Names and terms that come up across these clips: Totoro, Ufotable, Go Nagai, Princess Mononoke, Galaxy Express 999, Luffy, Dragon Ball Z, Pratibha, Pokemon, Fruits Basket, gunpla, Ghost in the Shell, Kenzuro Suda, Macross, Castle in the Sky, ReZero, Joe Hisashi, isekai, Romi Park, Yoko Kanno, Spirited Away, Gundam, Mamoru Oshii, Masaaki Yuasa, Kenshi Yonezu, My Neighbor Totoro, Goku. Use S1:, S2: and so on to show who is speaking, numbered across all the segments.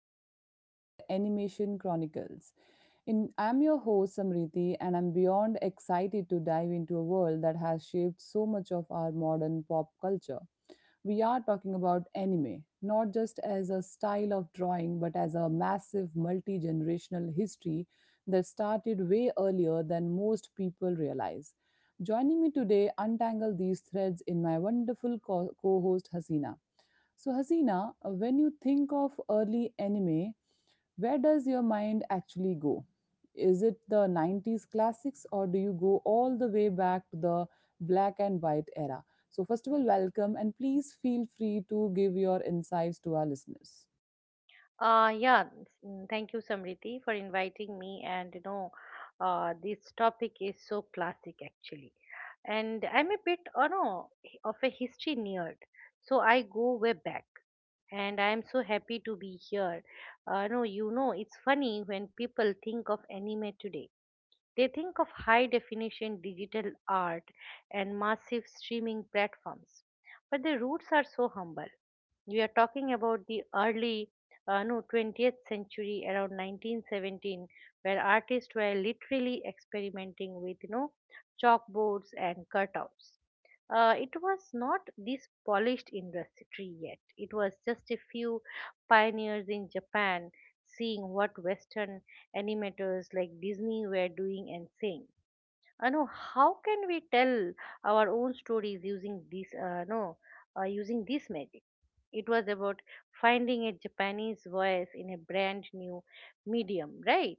S1: episode of the Animation Chronicles. I'm your host, Samriti, and I'm beyond excited to dive into a world that has shaped so much of our modern pop culture. We are talking about anime, not just as a style of drawing, but as a massive multi generational history that started way earlier than most people realize. Joining me today, untangle these threads in my wonderful co host, Hasina. So, Hasina, when you think of early anime, where does your mind actually go? Is it the 90s classics or do you go all the way back to the black and white era? So, first of all, welcome and please feel free to give your insights to our listeners.
S2: Uh, yeah, Thank you, Samriti, for inviting me. And this topic is so classic actually. And I'm a bit, you know, of a history nerd, so I go way back. And I'm so happy to be here. No, You know, it's funny when people think of anime today. They think of high definition digital art and massive streaming platforms, but their roots are so humble. We are talking about the early no 20th century around 1917, where artists were literally experimenting with chalkboards and cutouts. It was not this polished industry yet. It was just a few pioneers in Japan seeing what Western animators like Disney were doing and saying, no, how can we tell our own stories using this? No, using this magic. It was about finding a Japanese voice in a brand new medium, right?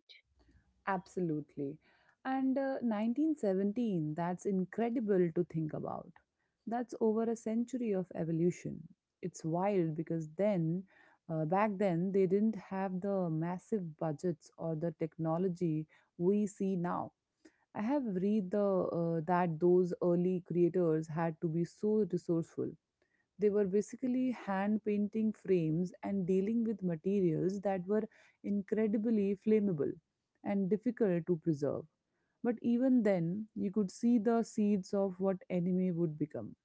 S1: Absolutely. And 1917, that's incredible to think about. That's over a century of evolution. It's wild because then, back then, they didn't have the massive budgets or the technology we see now. I have read the that those early creators had to be so resourceful. They were basically hand painting frames and dealing with materials that were incredibly flammable and difficult to preserve. But even then, you could see the seeds of what anime would become.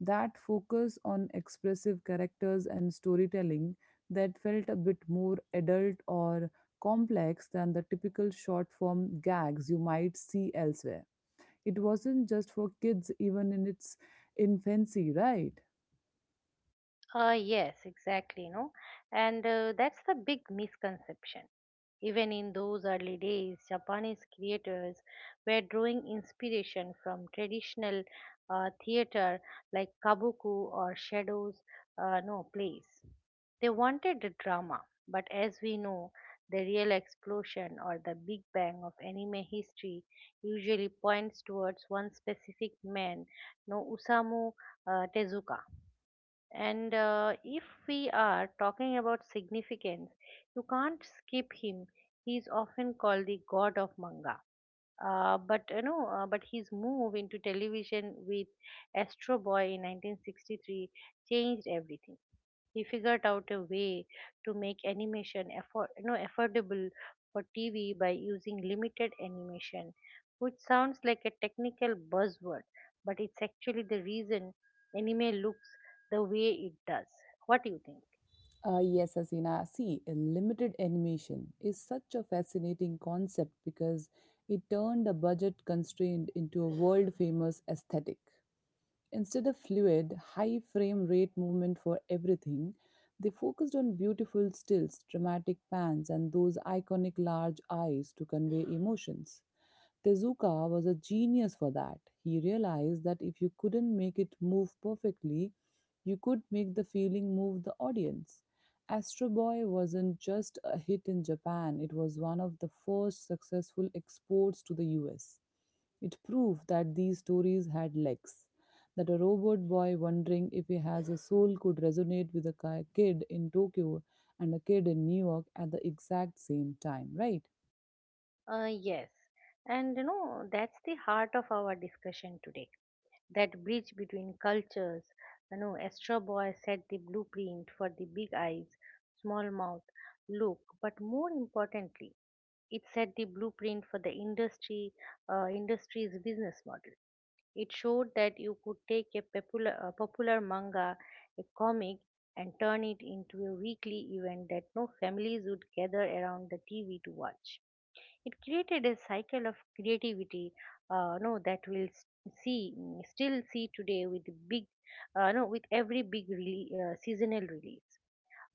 S1: That focus on expressive characters and storytelling that felt a bit more adult or complex than the typical short form gags you might see elsewhere. It wasn't just for kids, even in its infancy, right?
S2: Yes, exactly, no. And That's the big misconception. Even in those early days, Japanese creators were drawing inspiration from traditional theater like kabuku or shadows, no, plays. They wanted the drama, but as we know, the real explosion or the big bang of anime history usually points towards one specific man, no, Usamu Tezuka. And If we are talking about significance, you can't skip him. He's often called the god of manga. But his move into television with Astro Boy in 1963 changed everything. He figured out a way to make animation afford, no, affordable for TV by using limited animation, which sounds like a technical buzzword, but it's actually the reason anime looks the way it does. What do you think?
S1: Yes, Asina. See, a limited animation is such a fascinating concept because it turned a budget constraint into a world famous aesthetic. Instead of fluid, high frame rate movement for everything, they focused on beautiful stills, dramatic pans, and those iconic large eyes to convey emotions. Tezuka was a genius for that. He realized that if you couldn't make it move perfectly, you could make the feeling move the audience. Astro Boy wasn't just a hit in Japan, it was one of the first successful exports to the US. It proved that these stories had legs, that a robot boy wondering if he has a soul could resonate with a kid in Tokyo and a kid in New York at the exact same time, right?
S2: Yes. And you know, that's the heart of our discussion today. That bridge between cultures. You know, Astro Boy set the blueprint for the big eyes, small mouth look, but more importantly, it set the blueprint for the industry's business model. It showed that you could take a popular manga, a comic, and turn it into a weekly event that no families would gather around the TV to watch. It created a cycle of creativity, no, that we'll s- see still see today with big, no, with every big seasonal release.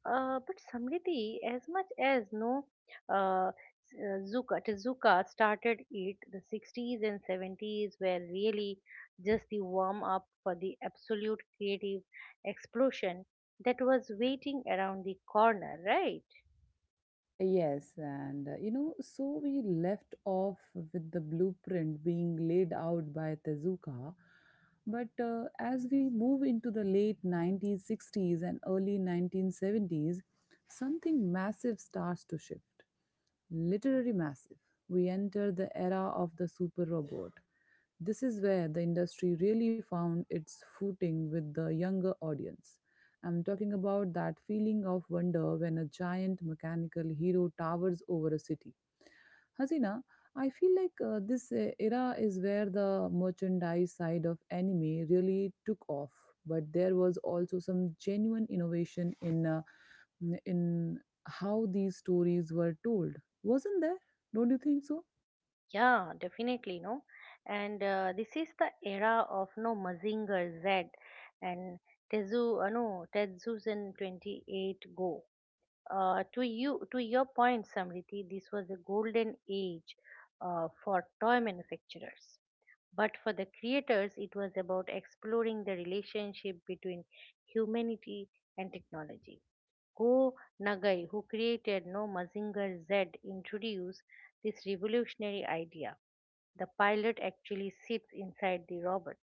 S2: But Samriddhi, as much as no s- Zuka, Tezuka started it, the 60s and 70s were really just the warm up for the absolute creative explosion that was waiting around the corner, right?
S1: Yes, and you know, so we left off with the blueprint being laid out by Tezuka. But as we move into the late 1960s and early 1970s, something massive starts to shift. Literary massive. We enter the era of the super robot. This is where the industry really found its footing with the younger audience. I'm talking about that feeling of wonder when a giant mechanical hero towers over a city. Hasina, I feel like this era is where the merchandise side of anime really took off, but there was also some genuine innovation in in how these stories were told. Wasn't there? Don't you think so?
S2: Yeah, definitely, no. And This is the era of no Mazinger Z and Tezu, no, Tezuzan 28 Go. To to your point, Samriti, this was a golden age for toy manufacturers. But for the creators, it was about exploring the relationship between humanity and technology. Go Nagai, who created No Mazinger Z, introduced this revolutionary idea: the pilot actually sits inside the robot.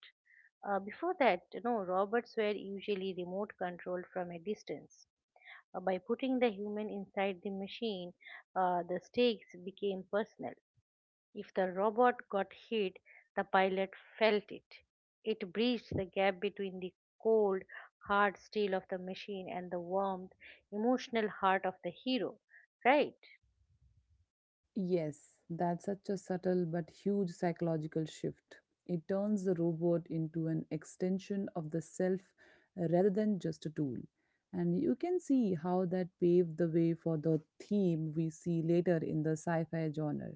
S2: Before that, you know, robots were usually remote controlled from a distance. By putting the human inside the machine, the stakes became personal. If the robot got hit, the pilot felt it. It breached the gap between the cold, hard steel of the machine and the warmth, emotional heart of the hero. Right?
S1: Yes, that's such a subtle but huge psychological shift. It turns the robot into an extension of the self rather than just a tool. And you can see how that paved the way for the theme we see later in the sci fi genre.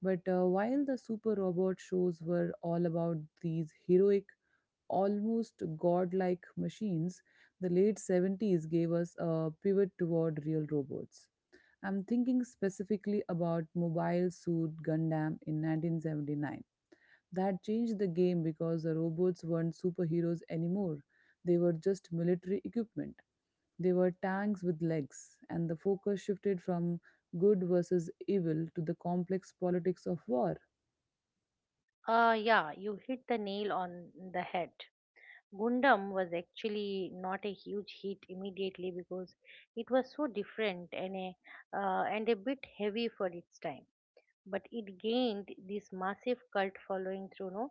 S1: But while the super robot shows were all about these heroic, almost godlike machines, the late 70s gave us a pivot toward real robots. I'm thinking specifically about Mobile Suit Gundam in 1979. That changed the game because the robots weren't superheroes anymore. They were just military equipment. They were tanks with legs, and the focus shifted from good versus evil to the complex politics of war.
S2: Yeah, you hit the nail on the head. Gundam was actually not a huge hit immediately because it was so different and a bit heavy for its time, but it gained this massive cult following through no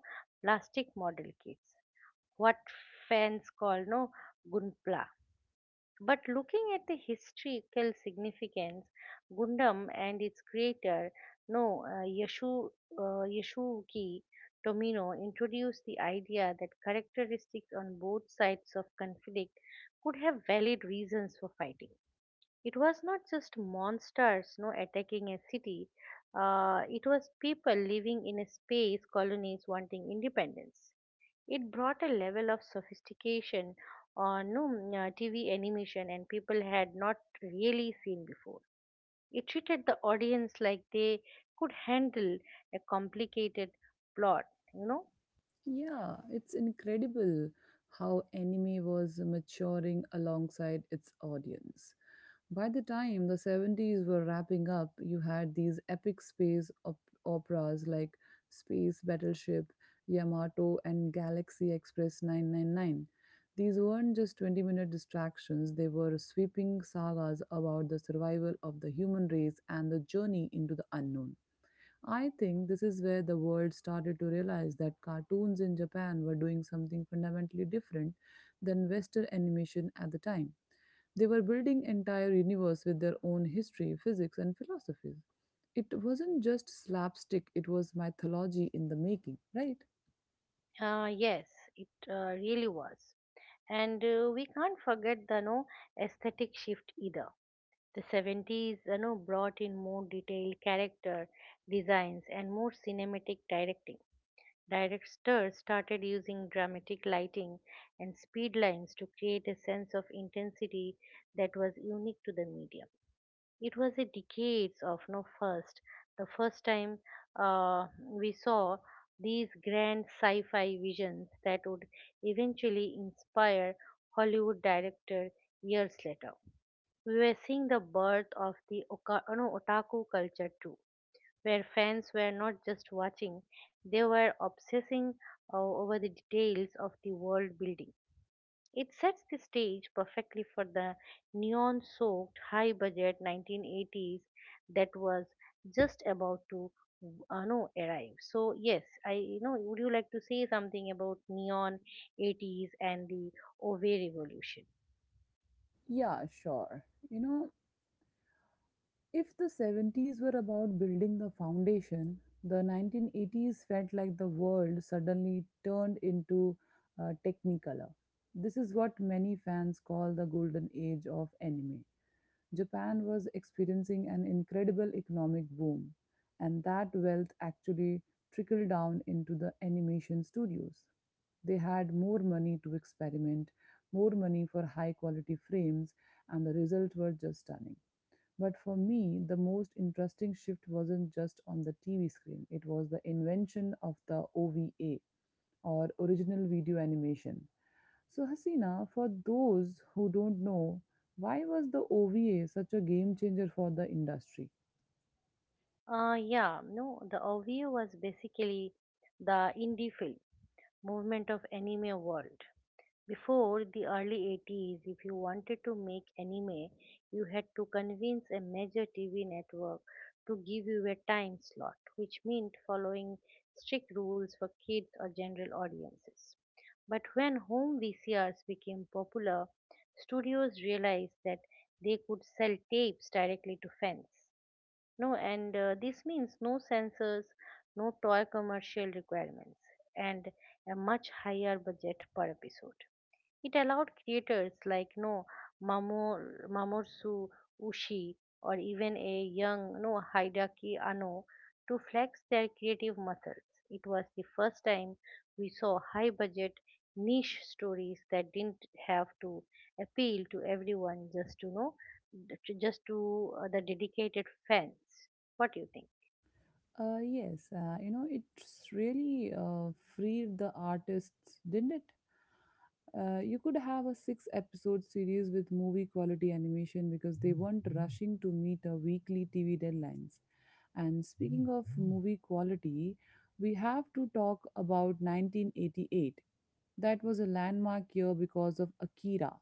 S2: plastic model kits, what fans call no gunpla. But looking at the historical significance, Gundam and its creator, no uh, yashu yashuki tomino, introduced the idea that characteristics on both sides of conflict could have valid reasons for fighting. It was not just monsters no attacking a city. It was people living in a space colonies wanting independence. It brought a level of sophistication on no, mm, tv animation and people had not really seen before. It treated the audience like they could handle a complicated plot, you know.
S1: Yeah, it's incredible how anime was maturing alongside its audience. By the time the 70s were wrapping up, you had these epic operas like Space Battleship, Yamato, and Galaxy Express 999. These weren't just 20-minute distractions, they were sweeping sagas about the survival of the human race and the journey into the unknown. I think this is where the world started to realize that cartoons in Japan were doing something fundamentally different than Western animation at the time. They were building entire universe with their own history, physics, and philosophies. It wasn't just slapstick, it was mythology in the making, right?
S2: Yes, it really was. And we can't forget the no aesthetic shift either. The 70s, you know, brought in more detailed character designs and more cinematic directing. Directors started using dramatic lighting and speed lines to create a sense of intensity that was unique to the medium. It was a decades of no first, the first time we saw these grand sci-fi visions that would eventually inspire Hollywood director years later. We were seeing the birth of the oka- no, otaku culture too, where fans were not just watching, they were obsessing over the details of the world building. It sets the stage perfectly for the neon soaked, high budget 1980s that was just about to no, arrive. So, yes, would you like to say something about neon 80s and the OVA revolution?
S1: Yeah, sure. You know, if the 70s were about building the foundation, the 1980s felt like the world suddenly turned into Technicolor. This is what many fans call the golden age of anime. Japan was experiencing an incredible economic boom, and that wealth actually trickled down into the animation studios. They had more money to experiment, more money for high quality frames, and the results were just stunning. But for me, the most interesting shift wasn't just on the TV screen, it was the invention of the OVA or original video animation. So, Hasina, for those who don't know, why was the OVA such a game changer for the industry?
S2: Yeah, no, the OVO was basically the indie film movement of anime world. Before the early 80s, if you wanted to make anime, you had to convince a major TV network to give you a time slot, which meant following strict rules for kids or general audiences. But when home VCRs became popular, studios realized that they could sell tapes directly to fans. No, and This means no sensors, no toy commercial requirements, and a much higher budget per episode. It allowed creators like no Mamoru Mamoru Oshii or even a young no Hideaki Anno to flex their creative muscles. It was the first time we saw high budget niche stories that didn't have to appeal to everyone just to the dedicated fans. What do you think?
S1: Yes, you know, it's really freed the artists, didn't it? You could have a 6 episode series with movie quality animation because they weren't rushing to meet a weekly TV deadlines. And speaking of movie quality, we have to talk about 1988. That was a landmark year because of Akira.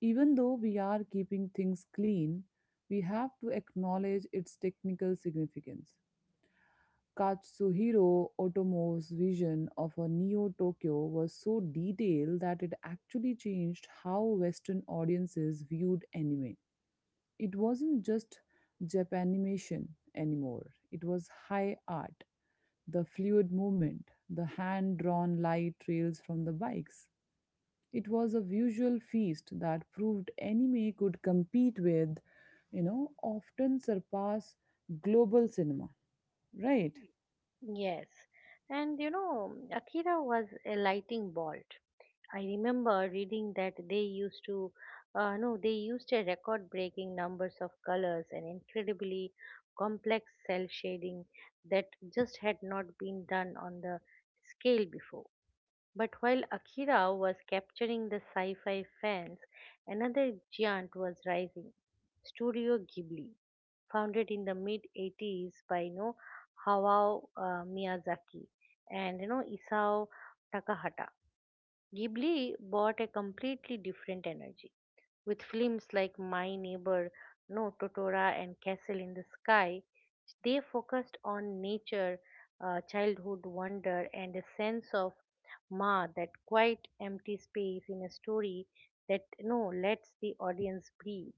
S1: Even though we are keeping things clean, we have to acknowledge its technical significance. Katsuhiro Otomo's vision of a Neo Tokyo was so detailed that it actually changed how Western audiences viewed anime. It wasn't just Japanimation anymore, it was high art. The fluid movement, the hand drawn light trails from the bikes, it was a visual feast that proved anime could compete with, you know, often surpass global cinema, right?
S2: Yes. And you know, Akira was a lightning bolt. I remember reading that they used to, no, they used a record-breaking numbers of colors and incredibly complex cell shading that just had not been done on the scale before. But while Akira was capturing the sci-fi fans, another giant was rising, Studio Ghibli, founded in the mid-80s by, you know, Hayao Miyazaki and, you know, Isao Takahata. Ghibli brought a completely different energy. With films like My Neighbor No Totora and Castle in the Sky, they focused on nature, childhood wonder, and a sense of ma, that quiet, empty space in a story that no lets the audience breathe.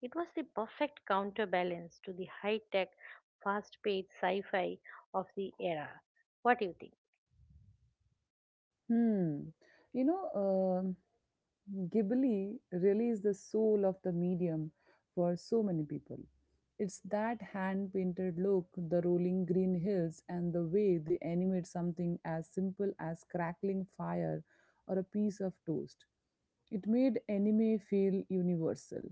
S2: It was the perfect counterbalance to the high-tech, fast-paced sci-fi of the era. What do you think?
S1: Hmm. You know, um Ghibli really is the soul of the medium for so many people. It's that hand painted look, the rolling green hills, and the way they animate something as simple as crackling fire or a piece of toast. It made anime feel universal.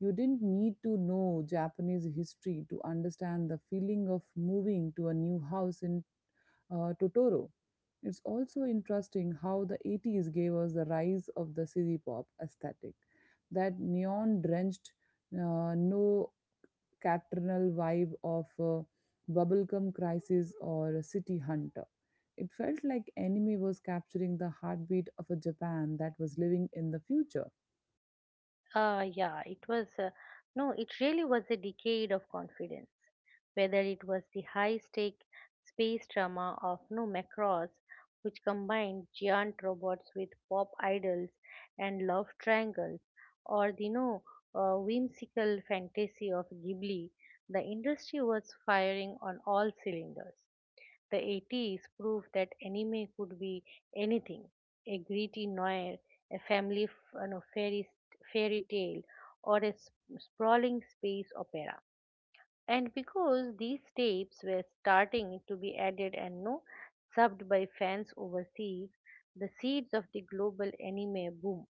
S1: You didn't need to know Japanese history to understand the feeling of moving to a new house in Totoro. It's also interesting how the 80s gave us the rise of the city pop aesthetic, that neon drenched, no caternal vibe of Bubblegum Crisis or City Hunter. It felt like anime was capturing the heartbeat of a Japan that was living in the future.
S2: Yeah, it was, no, It really was a decade of confidence. Whether it was the high stake space drama of No Macross, which combined giant robots with pop idols and love triangles, or the no whimsical fantasy of Ghibli, the industry was firing on all cylinders. The 80s proved that anime could be anything: a gritty noir, a family you know, fairy, fairy tale, or a sprawling space opera. And because these tapes were starting to be added and no subbed by fans overseas, the seeds of the global anime boom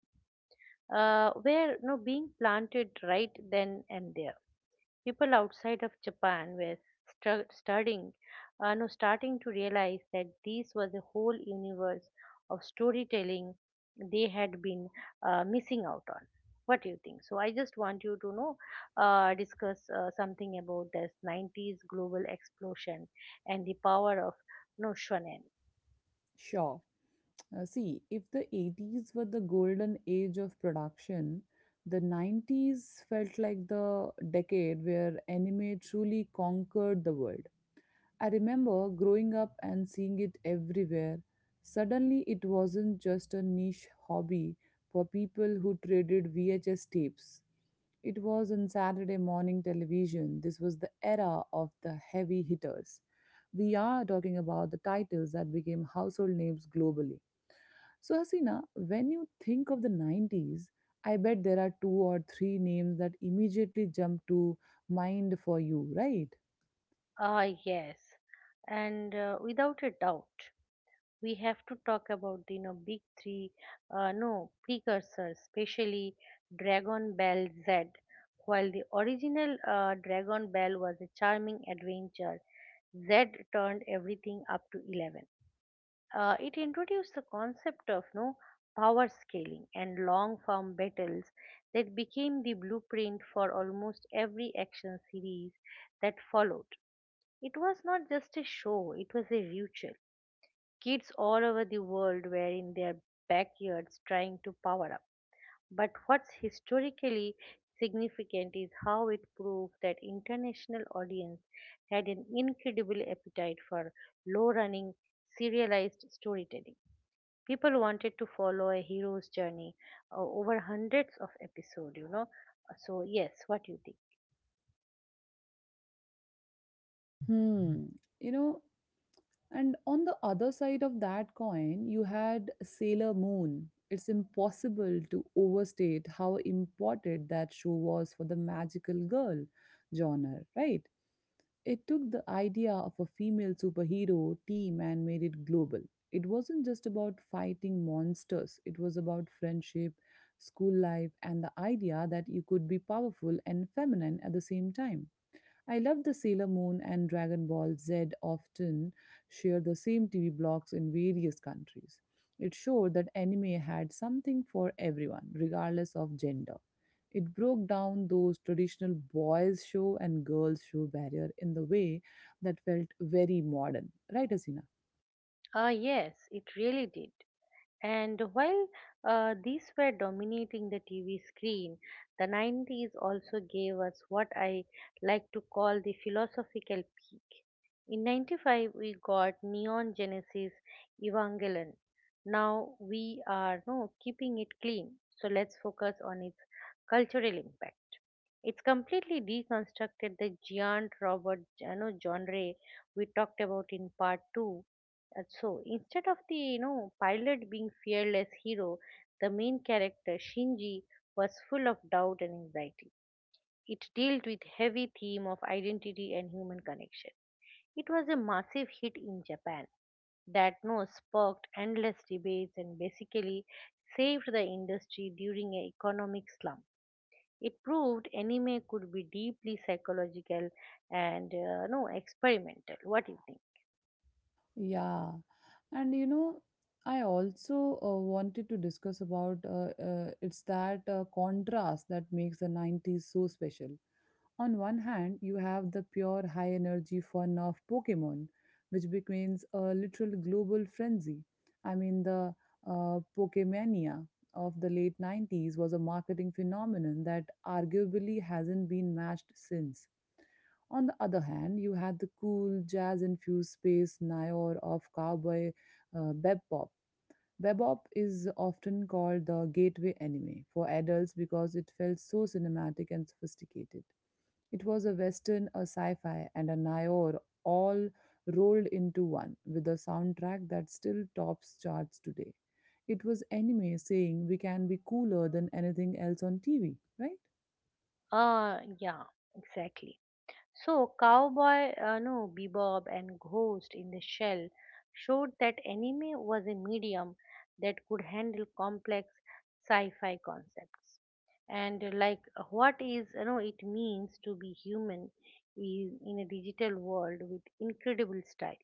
S2: were, you know, being planted right then and there. People outside of Japan were stru- starting, no, starting to realize that this was a whole universe of storytelling they had been missing out on. What do you think? So I just want you to know, discuss something about this 90s global explosion and the power of no shonen.
S1: Sure. See, if the 80s were the golden age of production, the 90s felt like the decade where anime truly conquered the world. I remember growing up and seeing it everywhere. Suddenly, it wasn't just a niche hobby for people who traded VHS tapes. It was on Saturday morning television. This was the era of the heavy hitters. We are talking about the titles that became household names globally. So, Hasina, when you think of the 90s, I bet there are two or three names that immediately jump to mind for you, right?
S2: Ah, yes, and without a doubt, we have to talk about the, you know, big three no precursors, especially dragon ball z. While the original dragon ball was a charming adventure, z turned everything up to 11. It introduced the concept of no power scaling and long form battles that became the blueprint for almost every action series that followed. It was not just a show, it was a ritual. Kids all over the world were in their backyards trying to power up. But what's historically significant is how it proved that international audience had an incredible appetite for low-running serialized storytelling. People wanted to follow a hero's journey over hundreds of episodes, you know. So yes, what do you think?
S1: Hmm. You know, and on the other side of that coin, you had Sailor Moon. It's impossible to overstate how important that show was for the magical girl genre, right? It took the idea of a female superhero team and made it global. It wasn't just about fighting monsters, it was about friendship, school life, and the idea that you could be powerful and feminine at the same time. I love the Sailor Moon and Dragon Ball Z often share the same TV blocks in various countries. It showed that anime had something for everyone, regardless of gender. It broke down those traditional boys' show and girls' show barrier in the way that felt very modern. Right, Asina?
S2: Ah, yes, it really did. And while these were dominating the TV screen, the 90s also gave us what I like to call the philosophical peak. In 95, we got Neon Genesis Evangelion. Now we are no keeping it clean, so let's focus on its cultural impact. It's completely deconstructed the giant robot, you know, genre we talked about in part 2, and so instead of the, you know, pilot being fearless hero, the main character Shinji was full of doubt and anxiety. It dealt with heavy theme of identity and human connection. It was a massive hit in Japan that no sparked endless debates and basically saved the industry during an economic slump. It proved anime could be deeply psychological and no experimental. What do you think?
S1: Yeah. And you know, I also wanted to discuss about it's that contrast that makes the 90s so special. On one hand, you have the pure high energy fun of Pokemon, which becomes a literal global frenzy. I mean, the Pokemania of the late 90s was a marketing phenomenon that arguably hasn't been matched since. On the other hand, you had the cool jazz infused space Nyor of cowboy bebop. Bebop is often called the gateway anime for adults because it felt so cinematic and sophisticated. It was a western, a sci-fi, and a Niobe all rolled into one with a soundtrack that still tops charts today. It was anime saying we can be cooler than anything else on TV, right?
S2: Yeah, exactly. So, Cowboy, no, Bebop and Ghost in the Shell showed that anime was a medium that could handle complex sci fi concepts. What, is, you know, it means to be human is in a digital world with incredible style.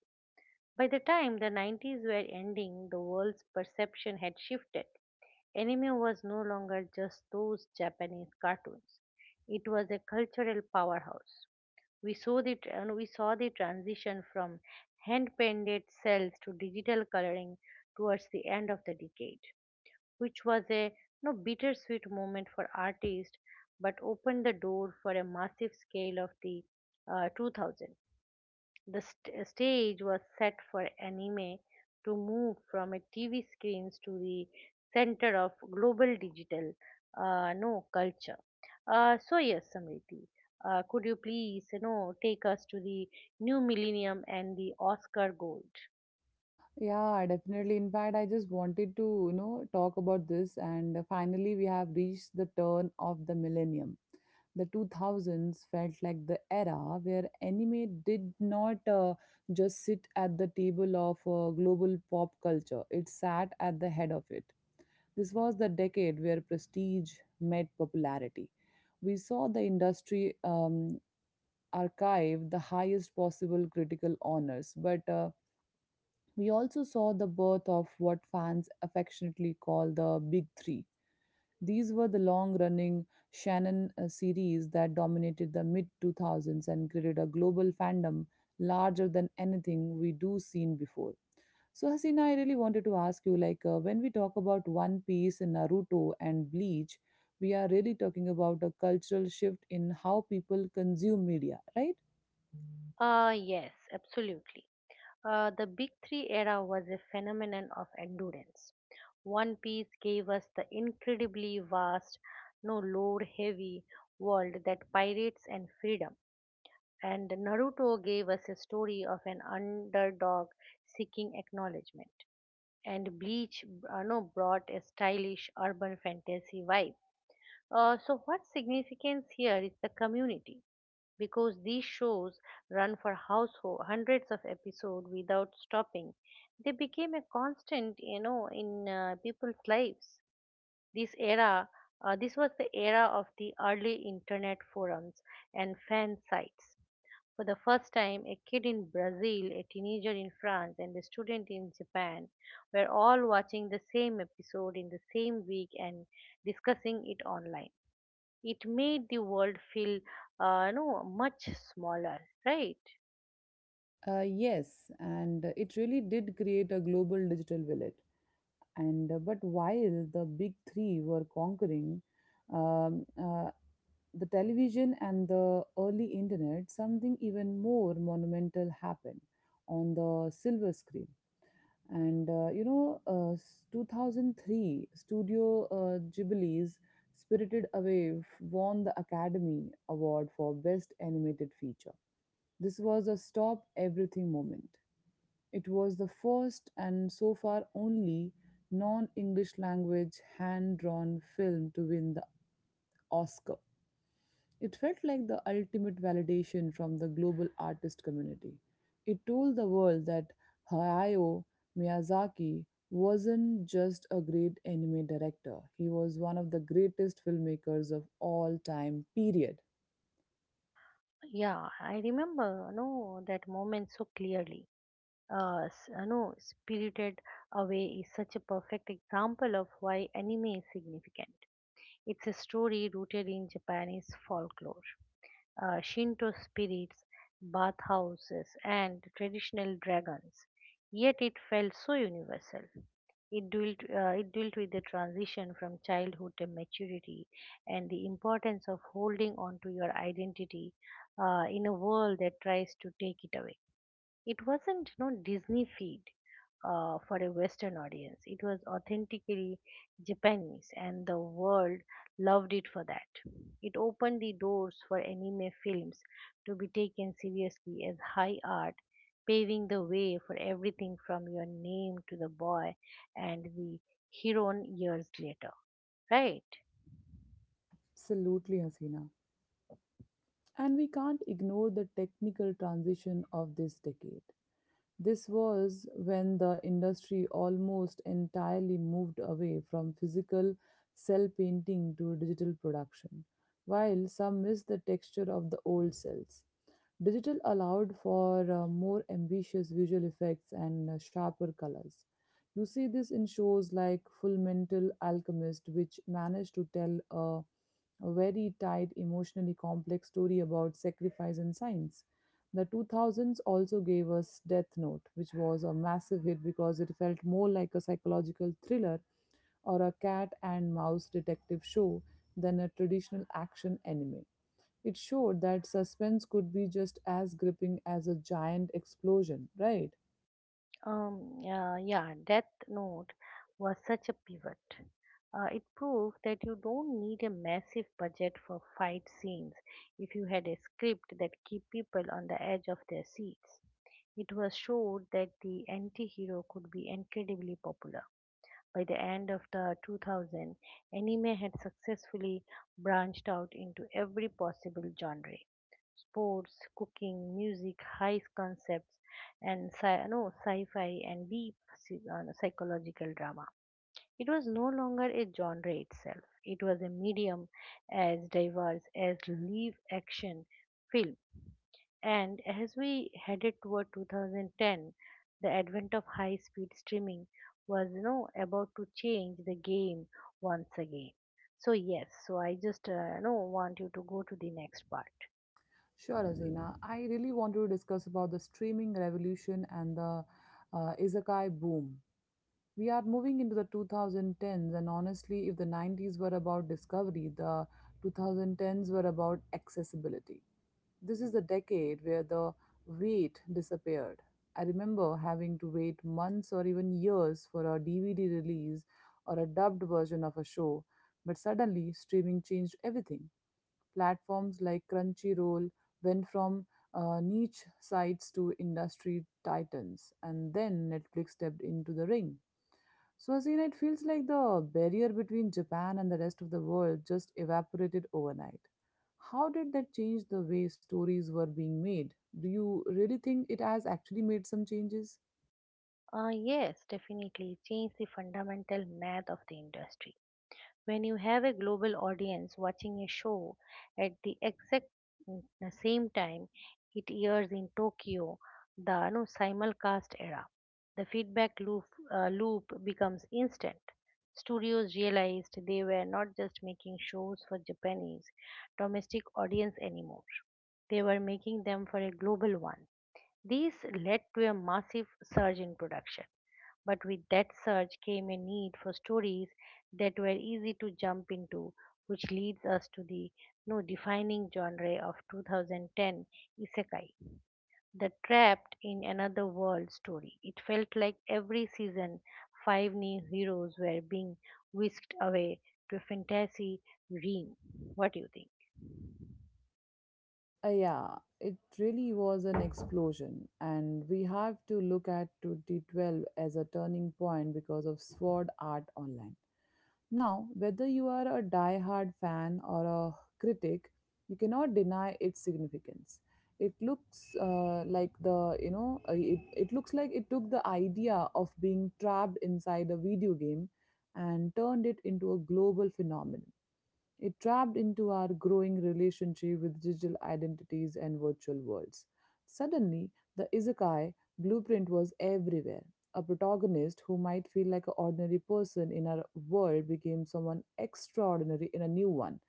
S2: By the time the 90s were ending, the world's perception had shifted. Anime was no longer just those Japanese cartoons, it was a cultural powerhouse. We saw the transition from hand painted cells to digital coloring towards the end of the decade, which was a no bittersweet moment for artists, but opened the door for a massive scale of the 2000. The stage was set for anime to move from a TV screens to the center of global digital no culture. So yes, Samriti, could you please take us to the new millennium and the Oscar gold?
S1: Yeah, definitely. In fact, I just wanted to, you know, talk about this and finally we have reached the turn of the millennium. The 2000s felt like the era where anime did not just sit at the table of global pop culture, it sat at the head of it. This was the decade where prestige met popularity. We saw the industry archive the highest possible critical honors, but we also saw the birth of what fans affectionately call the Big Three. These were the long running Shannon series that dominated the mid 2000s and created a global fandom larger than anything we do seen before. So Hasina, I really wanted to ask you, like, when we talk about One Piece, Naruto, and Bleach, we are really talking about a cultural shift in how people consume media, right?
S2: Yes, absolutely. The Big Three era was a phenomenon of endurance. One Piece gave us the incredibly vast, no load heavy world that pirates and freedom, and Naruto gave us a story of an underdog seeking acknowledgement. And Bleach no, brought a stylish urban fantasy vibe. So, what significance here is the community because these shows run for household hundreds of episodes without stopping. They became a constant in people's lives. This era this was the era of the early internet forums and fan sites. For the first time, a kid in Brazil, a teenager in France, and a student in Japan were all watching the same episode in the same week and discussing it online. It made the world feel no much smaller, right?
S1: Yes, and it really did create a global digital village. And But while the big three were conquering um, uh, the television and the early internet, something even more monumental happened on the silver screen. And you know s- 2003, studio Ghibli's Spirited Away won the Academy Award for Best Animated Feature. This was a stop everything moment. It was the first and so far only non English language hand drawn film to win the Oscar. It felt like the ultimate validation from the global artist community. It told the world that Hayao Miyazaki wasn't just a great anime director, he was one of the greatest filmmakers of all time, period.
S2: Yeah, I remember no that moment so clearly. Uh, s- no spirited Away is such a perfect example of why anime is significant. It's a story rooted in Japanese folklore, Shinto spirits, bathhouses, and traditional dragons, yet it felt so universal. It dealt with the transition from childhood to maturity and the importance of holding on to your identity in a world that tries to take it away. It wasn't no Disney feed for a Western audience. It was authentically Japanese, and the world loved it for that. It opened the doors for anime films to be taken seriously as high art, paving the way for everything from Your Name to The Boy and the Heroine years later. Right?
S1: Absolutely, Hasina. And we can't ignore the technical transition of this decade. This was when the industry almost entirely moved away from physical cell painting to digital production. While some miss the texture of the old cells, digital allowed for more ambitious visual effects and sharper colors. You see this in shows like Full Mental Alchemist, which managed to tell a very tight, emotionally complex story about sacrifice and science. The 2000s also gave us Death Note, which was a massive hit because it felt more like a psychological thriller or a cat and mouse detective show than a traditional action anime. It showed that suspense could be just as gripping as a giant explosion, right?
S2: Yeah, Death Note was such a pivot. It proved that you don't need a massive budget for fight scenes if you had a script that keep people on the edge of their seats. It was showed that the anti-hero could be incredibly popular. By the end of the 2000s, anime had successfully branched out into every possible genre: sports, cooking, music, high concepts, and sci- no, sci-fi and deep psychological drama. It was no longer a genre itself. It was a medium as diverse as live action film. And as we headed toward 2010, the advent of high speed streaming was about to change the game once again. So yes, so I just want you to go to the next part.
S1: Sure, Azina. I really want to discuss about the streaming revolution and the izakai boom. We are moving into the 2010s, and honestly, if the 90s were about discovery, the 2010s were about accessibility. This is the decade where the wait disappeared. I remember having to wait months or even years for a DVD release or a dubbed version of a show, but suddenly streaming changed everything. Platforms like Crunchyroll went from niche sites to industry titans, and then Netflix stepped into the ring. So Suasina, it feels like the barrier between Japan and the rest of the world just evaporated overnight. How did that change the way stories were being made? Do you really think it has actually made some changes?
S2: Yes, definitely change the fundamental math of the industry. When you have a global audience watching a show at the exact mm, same time it airs in Tokyo, the no, simulcast era, the loop becomes instant. Studios realized they were not just making shows for Japanese domestic audience anymore. They were making them for a global one. This led to a massive surge in production. But with that surge came a need for stories that were easy to jump into, which leads us to the no defining genre of 2010: isekai, the trapped in another world story. It felt like every season five new heroes were being whisked away to a fantasy realm. What do you think?
S1: Yeah, it really was an explosion, and we have to look at 2012 as a turning point because of Sword Art Online. Now, whether you are a die-hard fan or a critic, you cannot deny its significance. It looks like the you know it, it looks like it took the idea of being trapped inside a video game and turned it into a global phenomenon. It trapped into our growing relationship with digital identities and virtual worlds. Suddenly, the izakai blueprint was everywhere. A protagonist who might feel like an ordinary person in our world became someone extraordinary in a new one.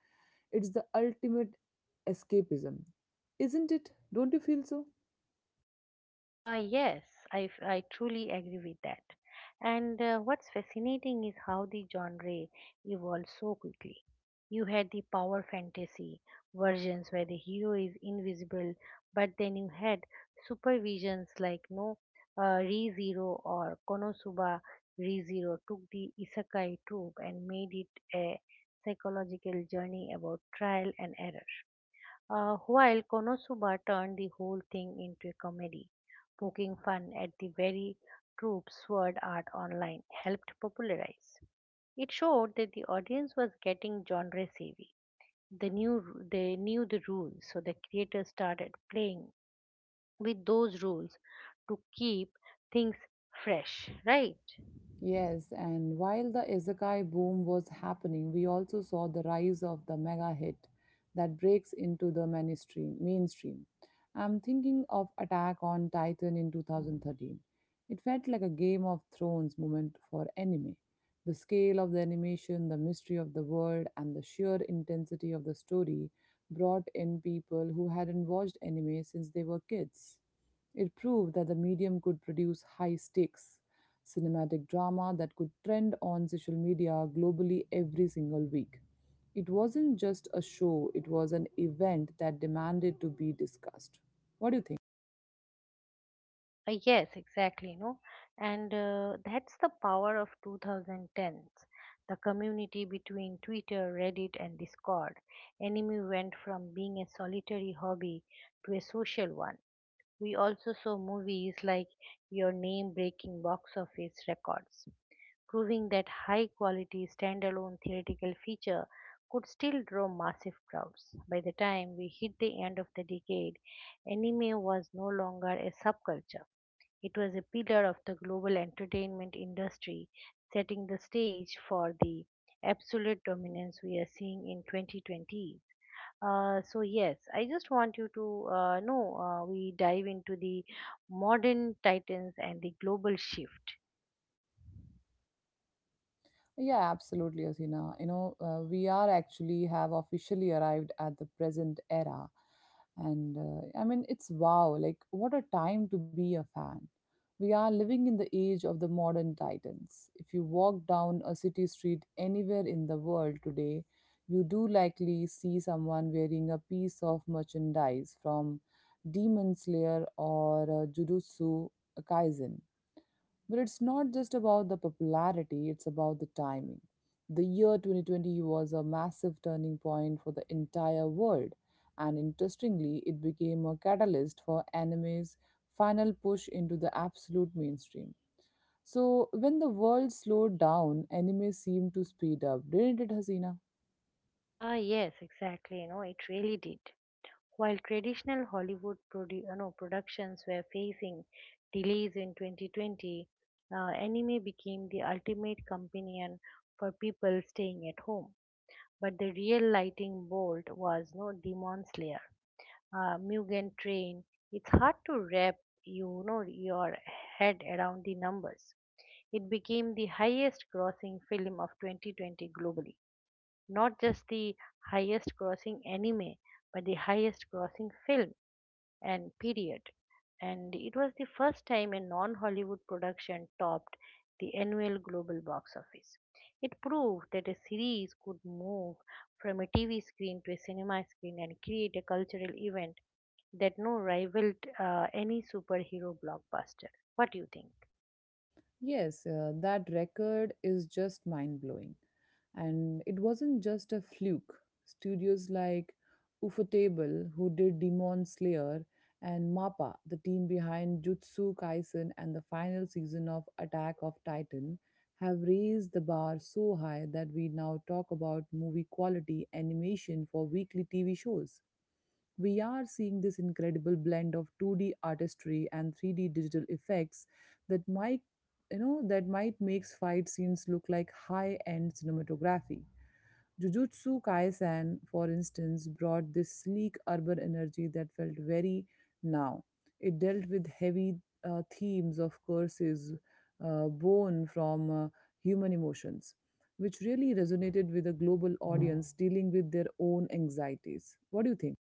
S1: It's the ultimate escapism. Isn't it? Don't you feel so?
S2: Yes, I truly agree with that. And what's fascinating is how the genre evolved so quickly. You had the power fantasy versions where the hero is invisible, but then you had supervisions like no ReZero or Konosuba. ReZero took the isekai trope and made it a psychological journey about trial and error. While Konosuba turned the whole thing into a comedy, poking fun at the very troop Sword Art Online helped popularize. It showed that the audience was getting genre savvy. They knew ru- they knew the rules, so the creators started playing with those rules to keep things fresh, right?
S1: Yes, and while the isekai boom was happening, we also saw the rise of the mega hit that breaks into the mainstream. I'm thinking of Attack on Titan in 2013. It felt like a Game of Thrones moment for anime. The scale of the animation, the mystery of the world, and the sheer intensity of the story brought in people who hadn't watched anime since they were kids. It proved that the medium could produce high stakes cinematic drama that could trend on social media globally every single week. It wasn't just a show, it was an event that demanded to be discussed. What do you think?
S2: Yes, exactly, No, and That's the power of 2010s. The community between Twitter, Reddit, and Discord. Anime went from being a solitary hobby to a social one. We also saw movies like Your Name breaking box office records, proving that high quality standalone theoretical feature could still draw massive crowds. By the time we hit the end of the decade, anime was no longer a subculture. It was a pillar of the global entertainment industry, setting the stage for the absolute dominance we are seeing in 2020. So yes, I just want you to know, we dive into the modern titans and the global shift.
S1: Yeah, absolutely, Asina. We are actually have officially arrived at the present era. And I mean, it's wow, like, what a time to be a fan. We are living in the age of the modern titans. If you walk down a city street anywhere in the world today, you do likely see someone wearing a piece of merchandise from Demon Slayer or Jujutsu Kaisen, but it's not just about the popularity, it's about the timing. The year 2020 was a massive turning point for the entire world, and interestingly, it became a catalyst for anime's final push into the absolute mainstream. So, when the world slowed down, anime seemed to speed up, didn't it, Hasina?
S2: Yes, exactly. You know, it really did. While traditional Hollywood produ- no, productions were facing delays in 2020, anime became the ultimate companion for people staying at home. But the real lightning bolt was no Demon Slayer, Mugen Train. It's hard to wrap your head around the numbers. It became the highest grossing film of 2020 globally. Not just the highest grossing anime, but the highest grossing film and period. And it was the first time a non Hollywood production topped the annual global box office. It proved that a series could move from a TV screen to a cinema screen and create a cultural event that no rivaled any superhero blockbuster. What do you think?
S1: Yes, that record is just mind blowing. And it wasn't just a fluke. Studios like Ufotable, who did Demon Slayer, and MAPPA, the team behind Jutsu Kaisen and the final season of Attack of Titan, have raised the bar so high that we now talk about movie quality animation for weekly TV shows. We are seeing this incredible blend of 2D artistry and 3D digital effects that might you know that might makes fight scenes look like high-end cinematography. Jujutsu Kaisen, for instance, brought this sleek urban energy that felt very now. It dealt with heavy themes of curses born from human emotions, which really resonated with a global audience dealing with their own anxieties. What do you think?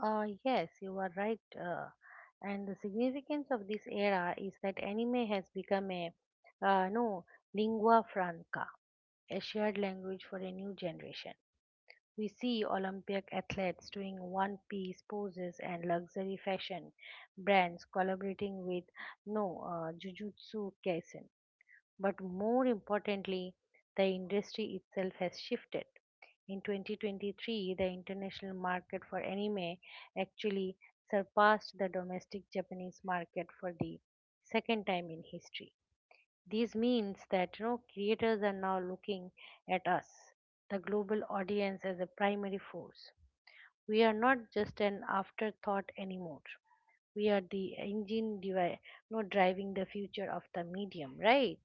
S2: Yes, you are right. And the significance of this era is that anime has become a no lingua franca, a shared language for a new generation. We see Olympic athletes doing one piece poses and luxury fashion brands collaborating with no Jujutsu Kaisen. But more importantly, the industry itself has shifted. In 2023, the international market for anime actually surpassed the domestic Japanese market for the second time in history. This means that creators are now looking at us, the global audience, as a primary force. We are not just an afterthought anymore. We are the engine driving the future of the medium, right?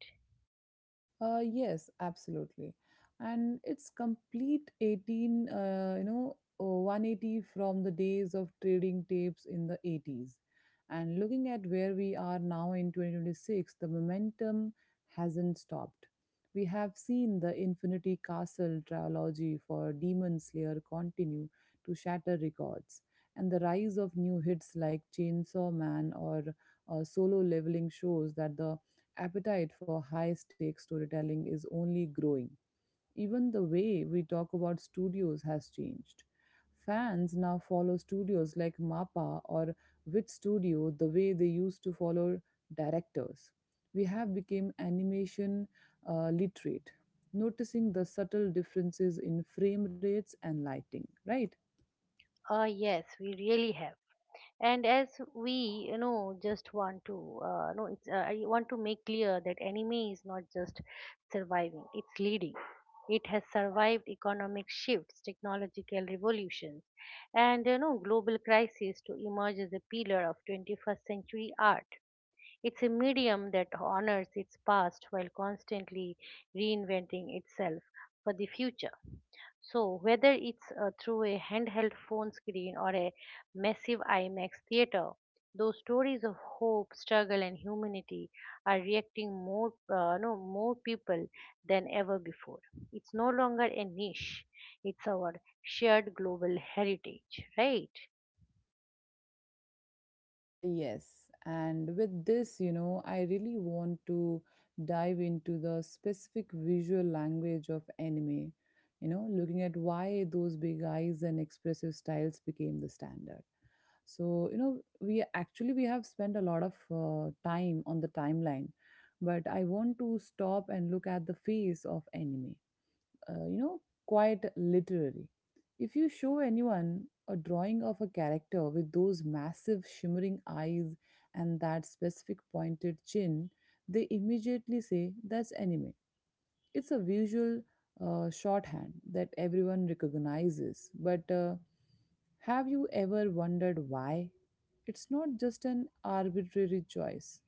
S1: Yes, absolutely. And it's complete 180 from the days of trading tapes in the 80s. And looking at where we are now in 2026, the momentum hasn't stopped. We have seen the Infinity Castle trilogy for Demon Slayer continue to shatter records, and the rise of new hits like Chainsaw Man or Solo Leveling shows that the appetite for high stakes storytelling is only growing. Even the way we talk about studios has changed. Fans now follow studios like MAPPA or Wit Studio the way they used to follow directors. We have become animation literate, noticing the subtle differences in frame rates and lighting, right?
S2: Ah, yes, we really have. And as we you know just want to no it's I want to make clear that anime is not just surviving, it's leading. It has survived economic shifts, technological revolutions, and global crises to emerge as a pillar of 21st century art. It's a medium that honors its past while constantly reinventing itself for the future. So, whether it's through a handheld phone screen or a massive IMAX theater, those stories of hope, struggle, and humanity are reacting more, no, more people than ever before. It's no longer a niche; it's our shared global heritage, right?
S1: Yes, and with this, you know, I really want to dive into the specific visual language of anime, you know, looking at why those big eyes and expressive styles became the standard. So, you know, we have spent a lot of time on the timeline, but I want to stop and look at the face of anime, you know, quite literary. If you show anyone a drawing of a character with those massive shimmering eyes and that specific pointed chin, they immediately say that's anime. It's a visual shorthand that everyone recognizes. But have you ever wondered why? It's not just an arbitrary choice.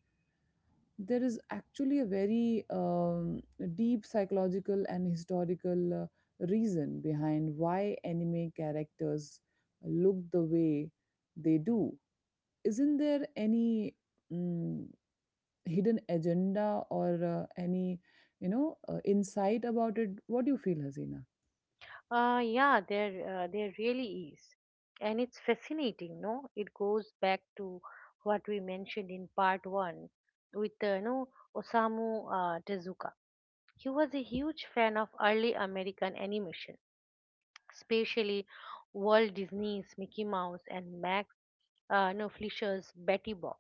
S1: There is actually a very deep psychological and historical reason behind why anime characters look the way they do. Isn't there any mm hidden agenda or any, you know, insight about it? What do you feel, Hasina?
S2: There really is, and it's fascinating. No, it goes back to what we mentioned in part one with no Osamu Tezuka. He was a huge fan of early American animation, especially Walt Disney's Mickey Mouse and Max no, Fisher's Betty Boop.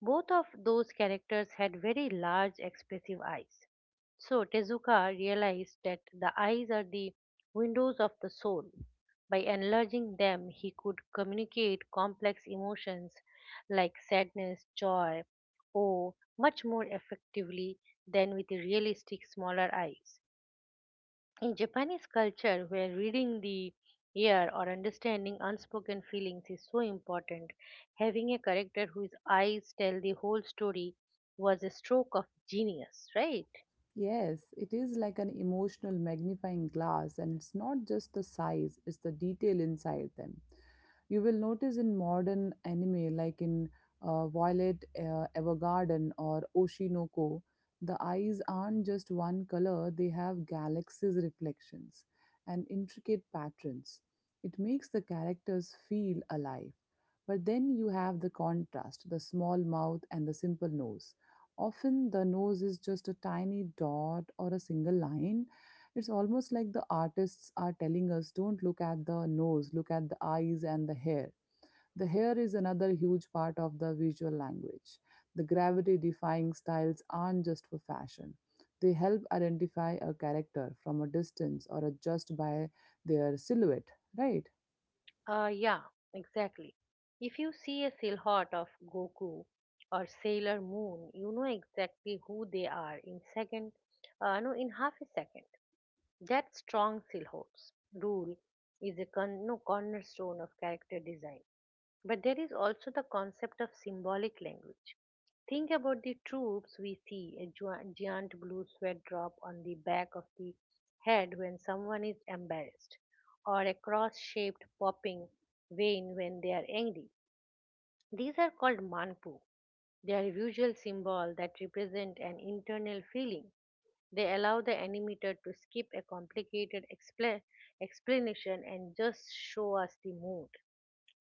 S2: Both of those characters had very large, expressive eyes. So Tezuka realized that the eyes are the windows of the soul. By enlarging them, he could communicate complex emotions like sadness, joy, awe much more effectively than with realistic smaller eyes. In Japanese culture, where reading the ear or understanding unspoken feelings is so important, having a character whose eyes tell the whole story was a stroke of genius, right?
S1: Yes, it is like an emotional magnifying glass, and it's not just the size, it's the detail inside them. You will notice in modern anime, like in Violet Evergarden or Oshinoko, the eyes aren't just one color, they have galaxies' reflections and intricate patterns. It makes the characters feel alive. But then you have the contrast: the small mouth and the simple nose. Often the nose is just a tiny dot or a single line. It's almost like the artists are telling us, don't look at the nose, look at the eyes and the hair. The hair is another huge part of the visual language. The gravity defying styles aren't just for fashion. They help identify a character from a distance or adjust by their silhouette, right?
S2: Yeah, exactly. If you see a silhouette of Goku or Sailor Moon, you know exactly who they are in second, no, in half a second. That strong silhouettes rule is a con- no, cornerstone of character design. But there is also the concept of symbolic language. Think about the troops. We see a giant blue sweat drop on the back of the head when someone is embarrassed, or a cross shaped popping vein when they are angry. These are called manpu. They are visual symbols that represent an internal feeling. They allow the animator to skip a complicated explanation and just show us the mood.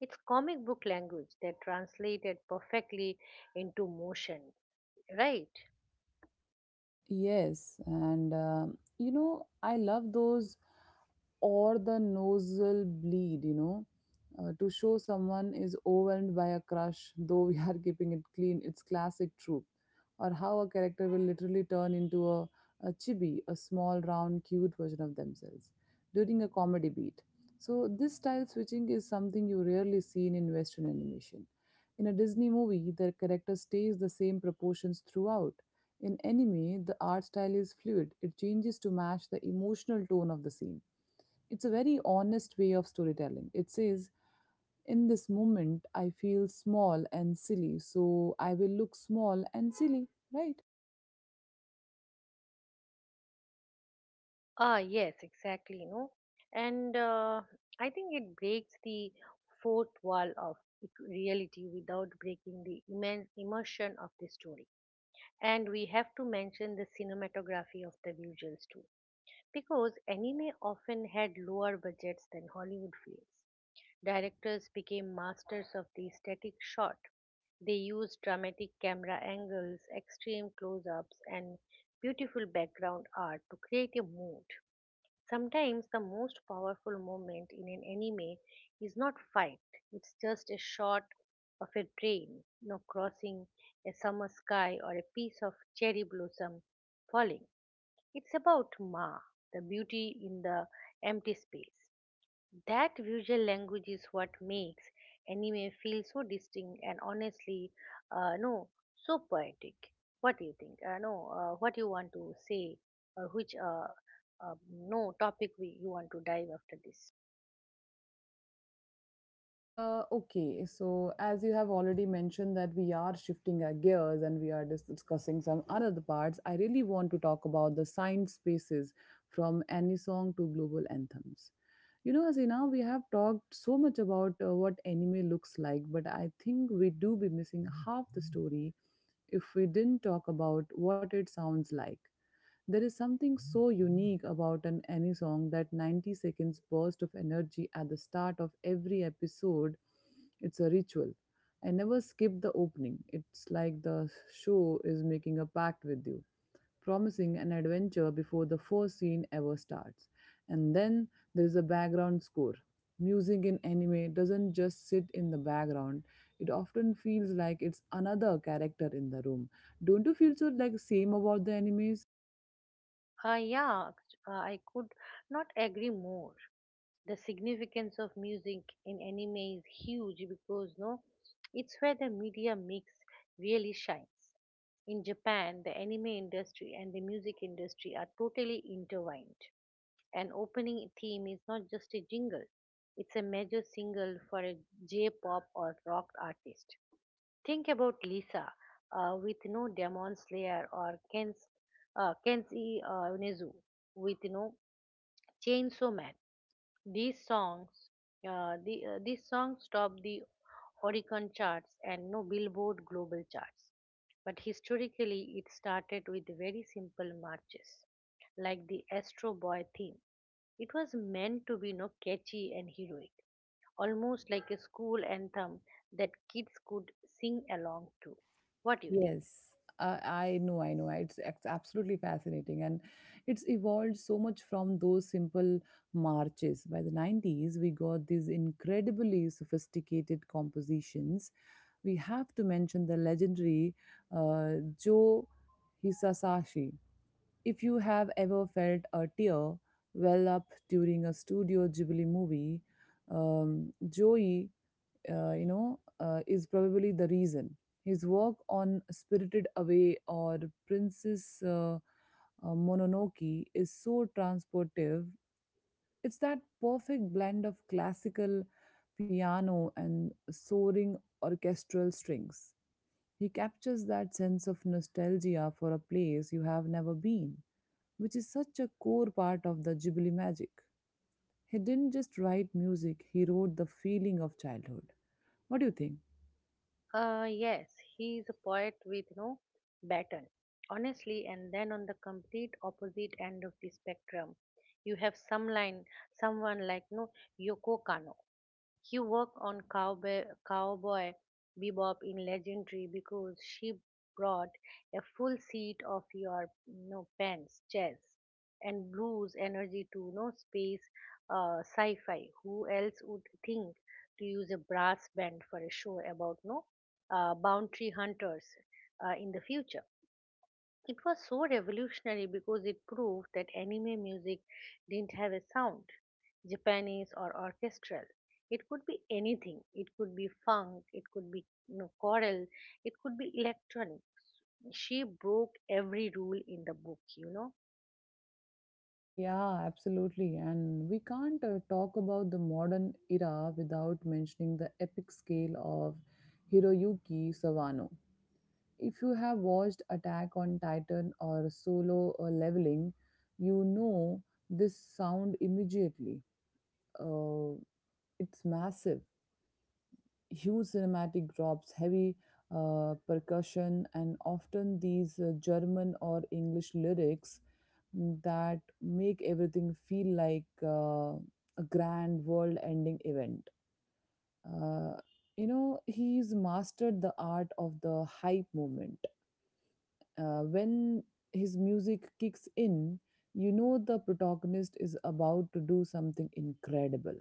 S2: It's comic book language that translated perfectly into motion, right?
S1: Yes, and you know, I love those, or the nasal bleed, you know, to show someone is overwhelmed by a crush, though we are keeping it clean. It's classic trope. Or how a character will literally turn into a chibi, a small, round, cute version of themselves during a comedy beat. So, this style switching is something you rarely see in Western animation. In a Disney movie, the character stays the same proportions throughout. In anime, the art style is fluid, it changes to match the emotional tone of the scene. It's a very honest way of storytelling. It says, in this moment, I feel small and silly, so I will look small and silly, right?
S2: Ah, yes, exactly. No, and I think it breaks the fourth wall of reality without breaking the immense immersion of the story. And we have to mention the cinematography of the visuals too, because anime often had lower budgets than Hollywood films. Directors became masters of the static shot. They used dramatic camera angles, extreme close ups, and beautiful background art to create a mood. Sometimes the most powerful moment in an anime is not fight, it's just a shot of a train, crossing a summer sky or a piece of cherry blossom falling. It's about Ma, the beauty in the empty space. That visual language is what makes anime feel so distinct and honestly, no, so poetic. What do you think? No, What you want to say, or which no topic you want to dive after this?
S1: Okay, so as you have already mentioned that we are shifting our gears and we are discussing some other parts, I really want to talk about the science spaces from any song to global anthems. You know, Hasina, we have talked so much about what anime looks like, but I think we do be missing half the story if we didn't talk about what it sounds like. There is something so unique about an any song, that 90 seconds burst of energy at the start of every episode. It's a ritual. I never skip the opening. It's like the show is making a pact with you, promising an adventure before the first scene ever starts. And then there's a background score. Music in anime doesn't just sit in the background, it often feels like it's another character in the room. Don't you feel so like same about the animes?
S2: Uh, yeah, I could not agree more. The significance of music in anime is huge because no, it's where the media mix really shines. In Japan, the anime industry and the music industry are totally intertwined. An opening theme is not just a jingle, it's a major single for a J pop or rock artist. Think about Lisa with no Demon Slayer or Ken's, Kenshi Nezu with no Chainsaw Man. These songs, these songs topped the Oricon charts and no Billboard global charts. But historically, it started with very simple marches, like the Astro Boy theme. It was meant to be no catchy and heroic, almost like a school anthem that kids could sing along to. What do you think?
S1: Yes. I know. It's absolutely fascinating. And it's evolved so much from those simple marches. By the 90s, we got these incredibly sophisticated compositions. We have to mention the legendary uh, Joe Hisashi. If you have ever felt a tear well up during a Studio Ghibli movie, Joey, is probably the reason. His work on Spirited Away or Princess Mononoke is so transportive. It's that perfect blend of classical piano and soaring orchestral strings. He captures that sense of nostalgia for a place you have never been, which is such a core part of the Ghibli magic. He didn't just write music, he wrote the feeling of childhood. What do you think?
S2: Yes, he is a poet with no baton, honestly, and then on the complete opposite end of the spectrum, you have someone like no Yoko Kano, he worked on Cowboy Bebop in Legendary because she brought a full seat of your no pants, jazz, and blues energy to no space sci-fi. Who else would think to use a brass band for a show about no boundary hunters in the future? It was so revolutionary because it proved that anime music didn't have a sound. Japanese or orchestral. It could be anything. It could be funk, it could be choral, it could be electronic. She broke every rule in the book, you know.
S1: Yeah, absolutely. And we can't talk about the modern era without mentioning the epic scale of Hiroyuki Sawano. If you have watched Attack on Titan or Solo or Leveling, you know this sound immediately. Uh, It's massive. Huge cinematic drops, heavy percussion, and often these German or English lyrics that make everything feel like a grand world ending event. Uh, he's mastered the art of the hype moment. When his music kicks in, you know the protagonist is about to do something incredible.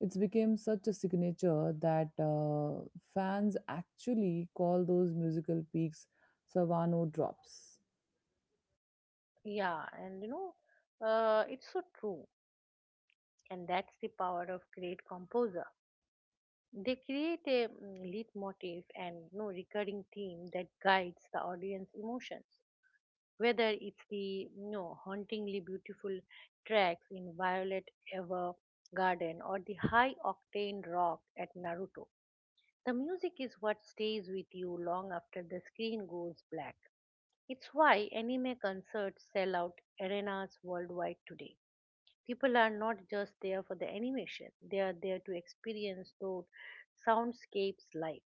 S1: It's became such a signature that fans actually call those musical peaks Savano drops.
S2: Yeah, and it's so true. And that's the power of great composer. They create a leitmotif and recurring theme that guides the audience emotions, whether it's the hauntingly beautiful tracks in Violet Evergarden or the high octane rock at Naruto. The music is what stays with you long after the screen goes black. It's why anime concerts sell out arenas worldwide today. People are not just there for the animation, they are there to experience those soundscapes live.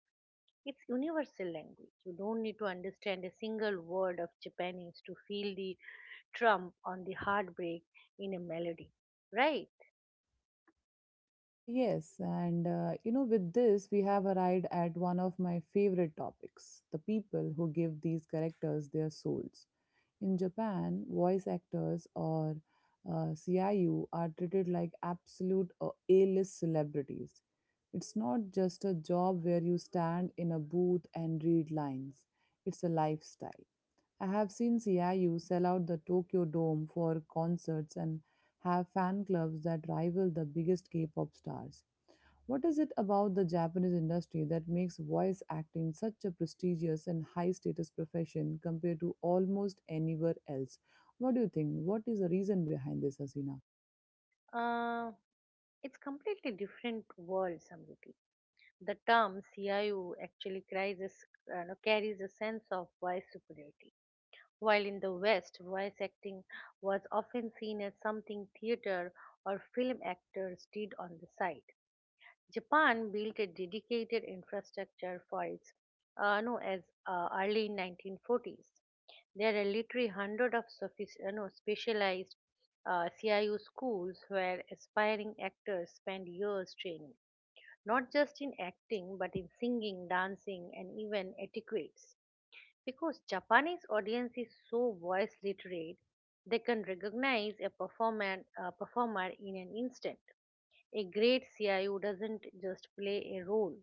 S2: It's universal language. You don't need to understand a single word of Japanese to feel the trump on the heartbreak in a melody, right?
S1: Yes, and with this, we have arrived at one of my favorite topics, the people who give these characters their souls. In Japan, voice actors or CIU are treated like absolute A-list celebrities. It's not just a job where you stand in a booth and read lines. It's a lifestyle. I have seen CIU sell out the Tokyo Dome for concerts and have fan clubs that rival the biggest K pop stars. What is it about the Japanese industry that makes voice acting such a prestigious and high status profession compared to almost anywhere else? What do you think? What is the reason behind this, Hasina?
S2: Uh, it's completely different world, Samriti. The term CIU actually carries a, s- no, carries a sense of voice superiority. While in the West, voice acting was often seen as something theater or film actors did on the side, Japan built a dedicated infrastructure for its ano as early in 1940s. There are literally hundreds of sophic- no, specialized CIU schools where aspiring actors spend years training, not just in acting but in singing, dancing, and even etiquettes. Because Japanese audience is so voice literate, they can recognize a performer in an instant. A great CIO doesn't just play a role,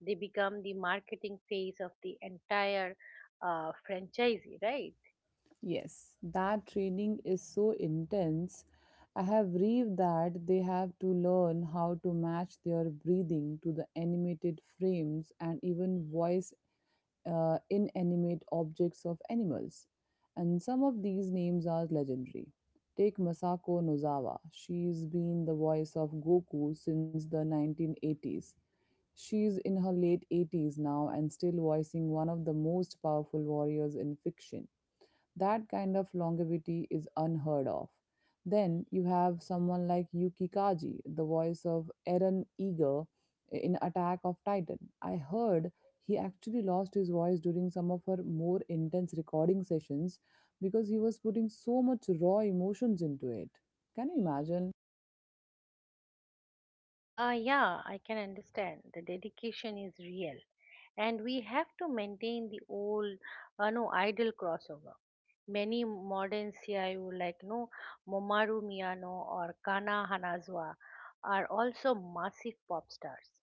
S2: they become the marketing face of the entire franchise, right?
S1: Yes, that training is so intense. I have read that they have to learn how to match their breathing to the animated frames and even voice inanimate objects of animals. And some of these names are legendary. Take Masako Nozawa. She's been the voice of Goku since the 1980s. She's in her late 80s now and still voicing one of the most powerful warriors in fiction. That kind of longevity is unheard of. Then you have someone like Yuki Kaji, the voice of Eren Eager in Attack of Titan. I heard he actually lost his voice during some of her more intense recording sessions because he was putting so much raw emotions into it. Can you imagine?
S2: Yeah, I can understand. The dedication is real. And we have to maintain the old, no, idle crossover. Many modern CIO like no Momaru Miyano or Kana Hanazawa are also massive pop stars.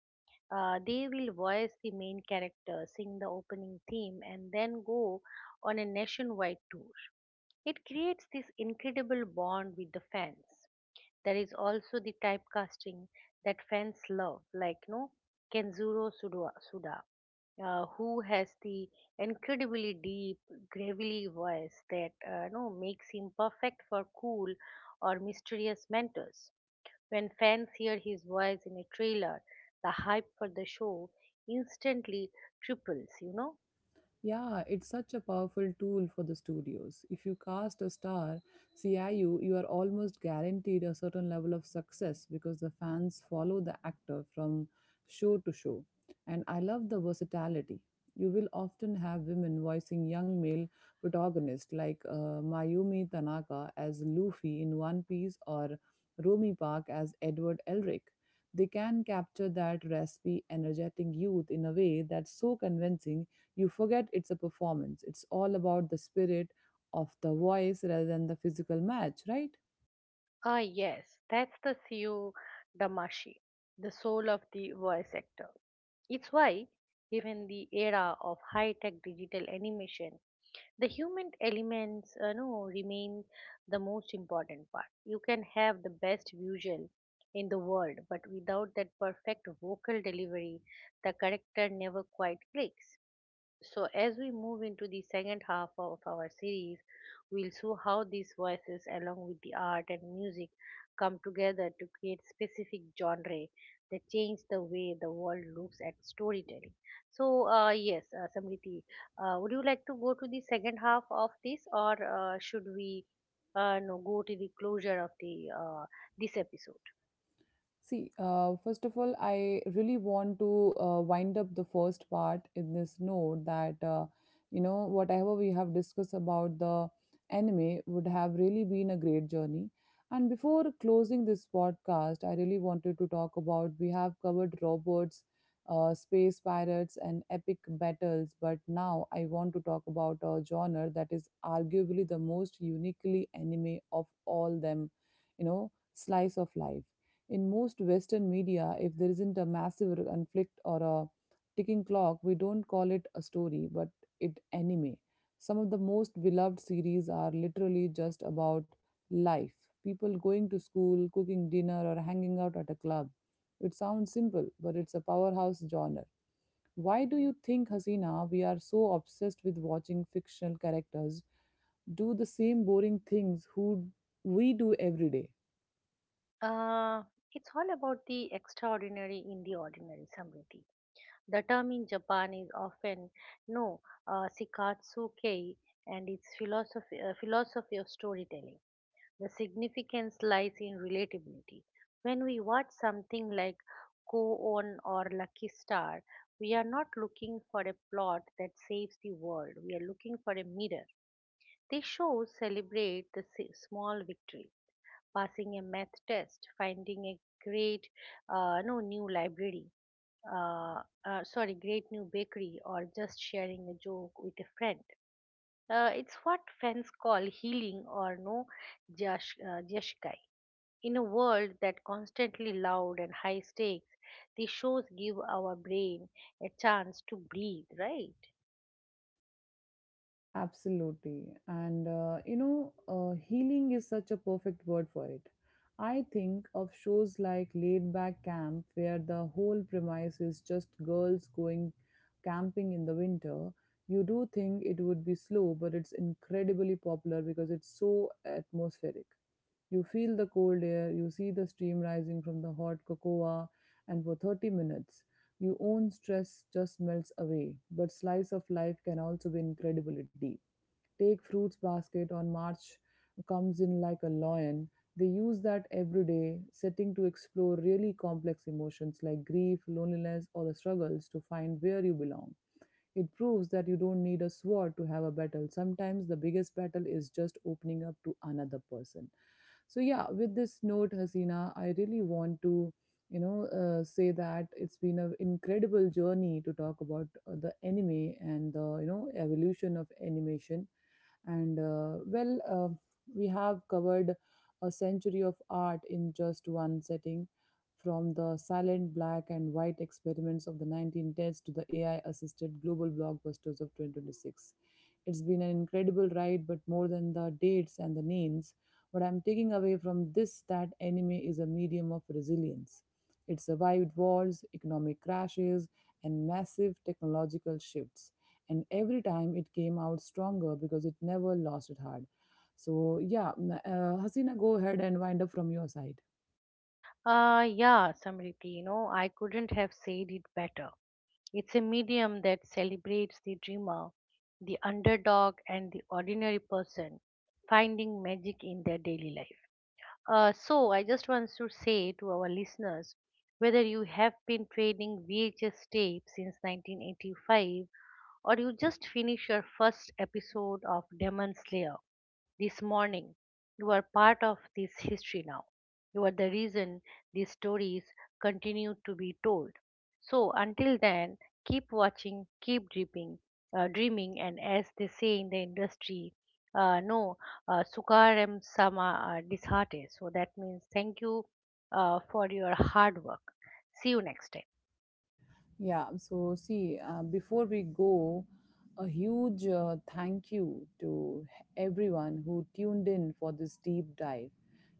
S2: They will voice the main character, sing the opening theme, and then go on a nationwide tour. It creates this incredible bond with the fans. There is also the typecasting that fans love, like no Kenzuro Suda, who has the incredibly deep, gravelly voice that no makes him perfect for cool or mysterious mentors. When fans hear his voice in a trailer, the hype for the show instantly triples, you know?
S1: Yeah, it's such a powerful tool for the studios. If you cast a star CIU, you are almost guaranteed a certain level of success because the fans follow the actor from show to show. And I love the versatility. You will often have women voicing young male protagonists like Mayumi Tanaka as Luffy in One Piece or Romy Park as Edward Elric. They can capture that raspy, energetic youth in a way that's so convincing you forget it's a performance. It's all about the spirit of the voice rather than the physical match, right?
S2: Ah, yes, that's the CEO Damashi, the soul of the voice actor. It's why, given the era of high tech digital animation, the human elements no, remain the most important part. You can have the best visual in the world, but without that perfect vocal delivery, the character never quite clicks. So, as we move into the second half of our series, we'll show how these voices, along with the art and music, come together to create specific genre that change the way the world looks at storytelling. So, Samriti, would you like to go to the second half of this, or should we no, go to the closure of the this episode?
S1: See, first of all, I really want to wind up the first part in this note that, whatever we have discussed about the anime would have really been a great journey. And before closing this podcast, I really wanted to talk about, we have covered robots, space pirates, and epic battles, but now I want to talk about a genre that is arguably the most uniquely anime of all them, you know, slice of life. In most Western media, if there isn't a massive conflict or a ticking clock, we don't call it a story, but it anime. Some of the most beloved series are literally just about life, people going to school, cooking dinner, or hanging out at a club. It sounds simple, but it's a powerhouse genre. Why do you think, Hasina, we are so obsessed with watching fictional characters do the same boring things who we do every day?
S2: Uh, it's all about the extraordinary in the ordinary, Samriti. The term in Japan is often no Sikatsu Kei and its philosophy of storytelling. The significance lies in relatability. When we watch something like Ko On or Lucky Star, we are not looking for a plot that saves the world. We are looking for a mirror. These shows celebrate the small victory, passing a math test, finding a great no new library, sorry, great new bakery, or just sharing a joke with a friend. It's what fans call healing or no jash, jashikai. In a world that constantly loud and high stakes, these shows give our brain a chance to breathe, right?
S1: Absolutely. And healing is such a perfect word for it. I think of shows like Laid Back Camp, where the whole premise is just girls going camping in the winter. You do think it would be slow, but it's incredibly popular because it's so atmospheric. You feel the cold air, you see the steam rising from the hot cocoa, and for 30 minutes, your own stress just melts away. But slice of life can also be incredibly deep. Take Fruits Basket, on March Comes In like a Lion. They use that everyday setting to explore really complex emotions like grief, loneliness, or the struggles to find where you belong. It proves that you don't need a sword to have a battle. Sometimes the biggest battle is just opening up to another person. So yeah, with this note, Hasina, I really want to say that it's been an incredible journey to talk about the anime and the, you know, evolution of animation. And we have covered a century of art in just one setting, from the silent black and white experiments of the 1910s to the AI assisted global blockbusters of 2026. It's been an incredible ride, but more than the dates and the names, what I'm taking away from this that anime is a medium of resilience. It survived wars, economic crashes, and massive technological shifts. And every time it came out stronger because it never lost its heart. So, yeah, Hasina, go ahead and wind up from your side.
S2: Yeah, Samriti, you know, I couldn't have said it better. It's a medium that celebrates the dreamer, the underdog, and the ordinary person finding magic in their daily life. So, I just want to say to our listeners, whether you have been trading VHS tape since 1985 or you just finished your first episode of Demon Slayer this morning. You are part of this history now. You are the reason these stories continue to be told. So until then, keep watching, dreaming, and as they say in the industry, no, sukaram sama dishate. So that means thank you for your hard work. See you next time.
S1: Yeah, so see, before we go, a huge thank you to everyone who tuned in for this deep dive.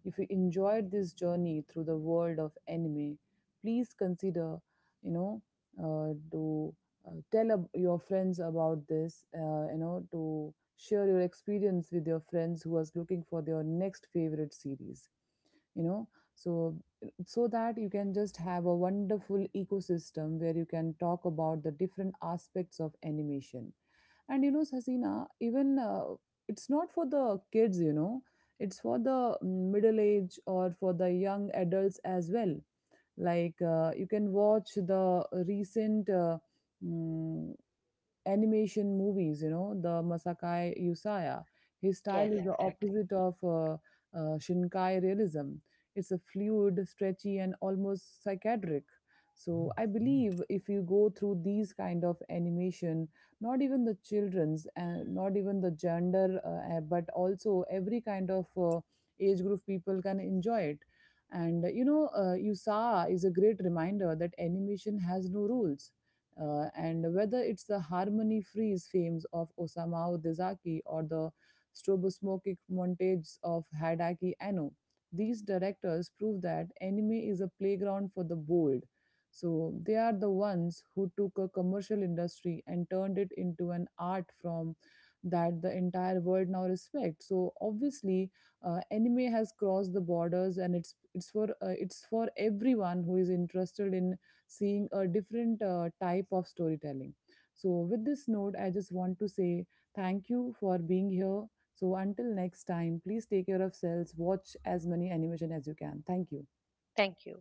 S1: If you enjoyed this journey through the world of anime, please consider, you know, to your friends about this, to share your experience with your friends who was looking for their next favorite series, you know. So so that you can just have a wonderful ecosystem where you can talk about the different aspects of animation. And you know, Sasina, even it's not for the kids, you know, it's for the middle age or for the young adults as well. Like you can watch the recent mm, animation movies, you know, the Masakai Yusaya. His
S2: Yes,
S1: style is the
S2: exactly.
S1: opposite of Shinkai realism. It's a fluid, stretchy, and almost psychiatric. So I believe if you go through these kind of animation, not even the children's, and not even the gender, but also every kind of age group people can enjoy it. And Yusa is a great reminder that animation has no rules, and whether it's the harmony freeze themes of Osamu Dezaki or the strobosmokic montages of Hideaki Anno, these directors prove that anime is a playground for the bold. So they are the ones who took a commercial industry and turned it into an art form that the entire world now respects. So obviously, anime has crossed the borders, and it's for it's for everyone who is interested in seeing a different type of storytelling. So, with this note, I just want to say thank you for being here. So, until next time, please take care of yourselves, watch as many animation as you can. Thank you.
S2: Thank you.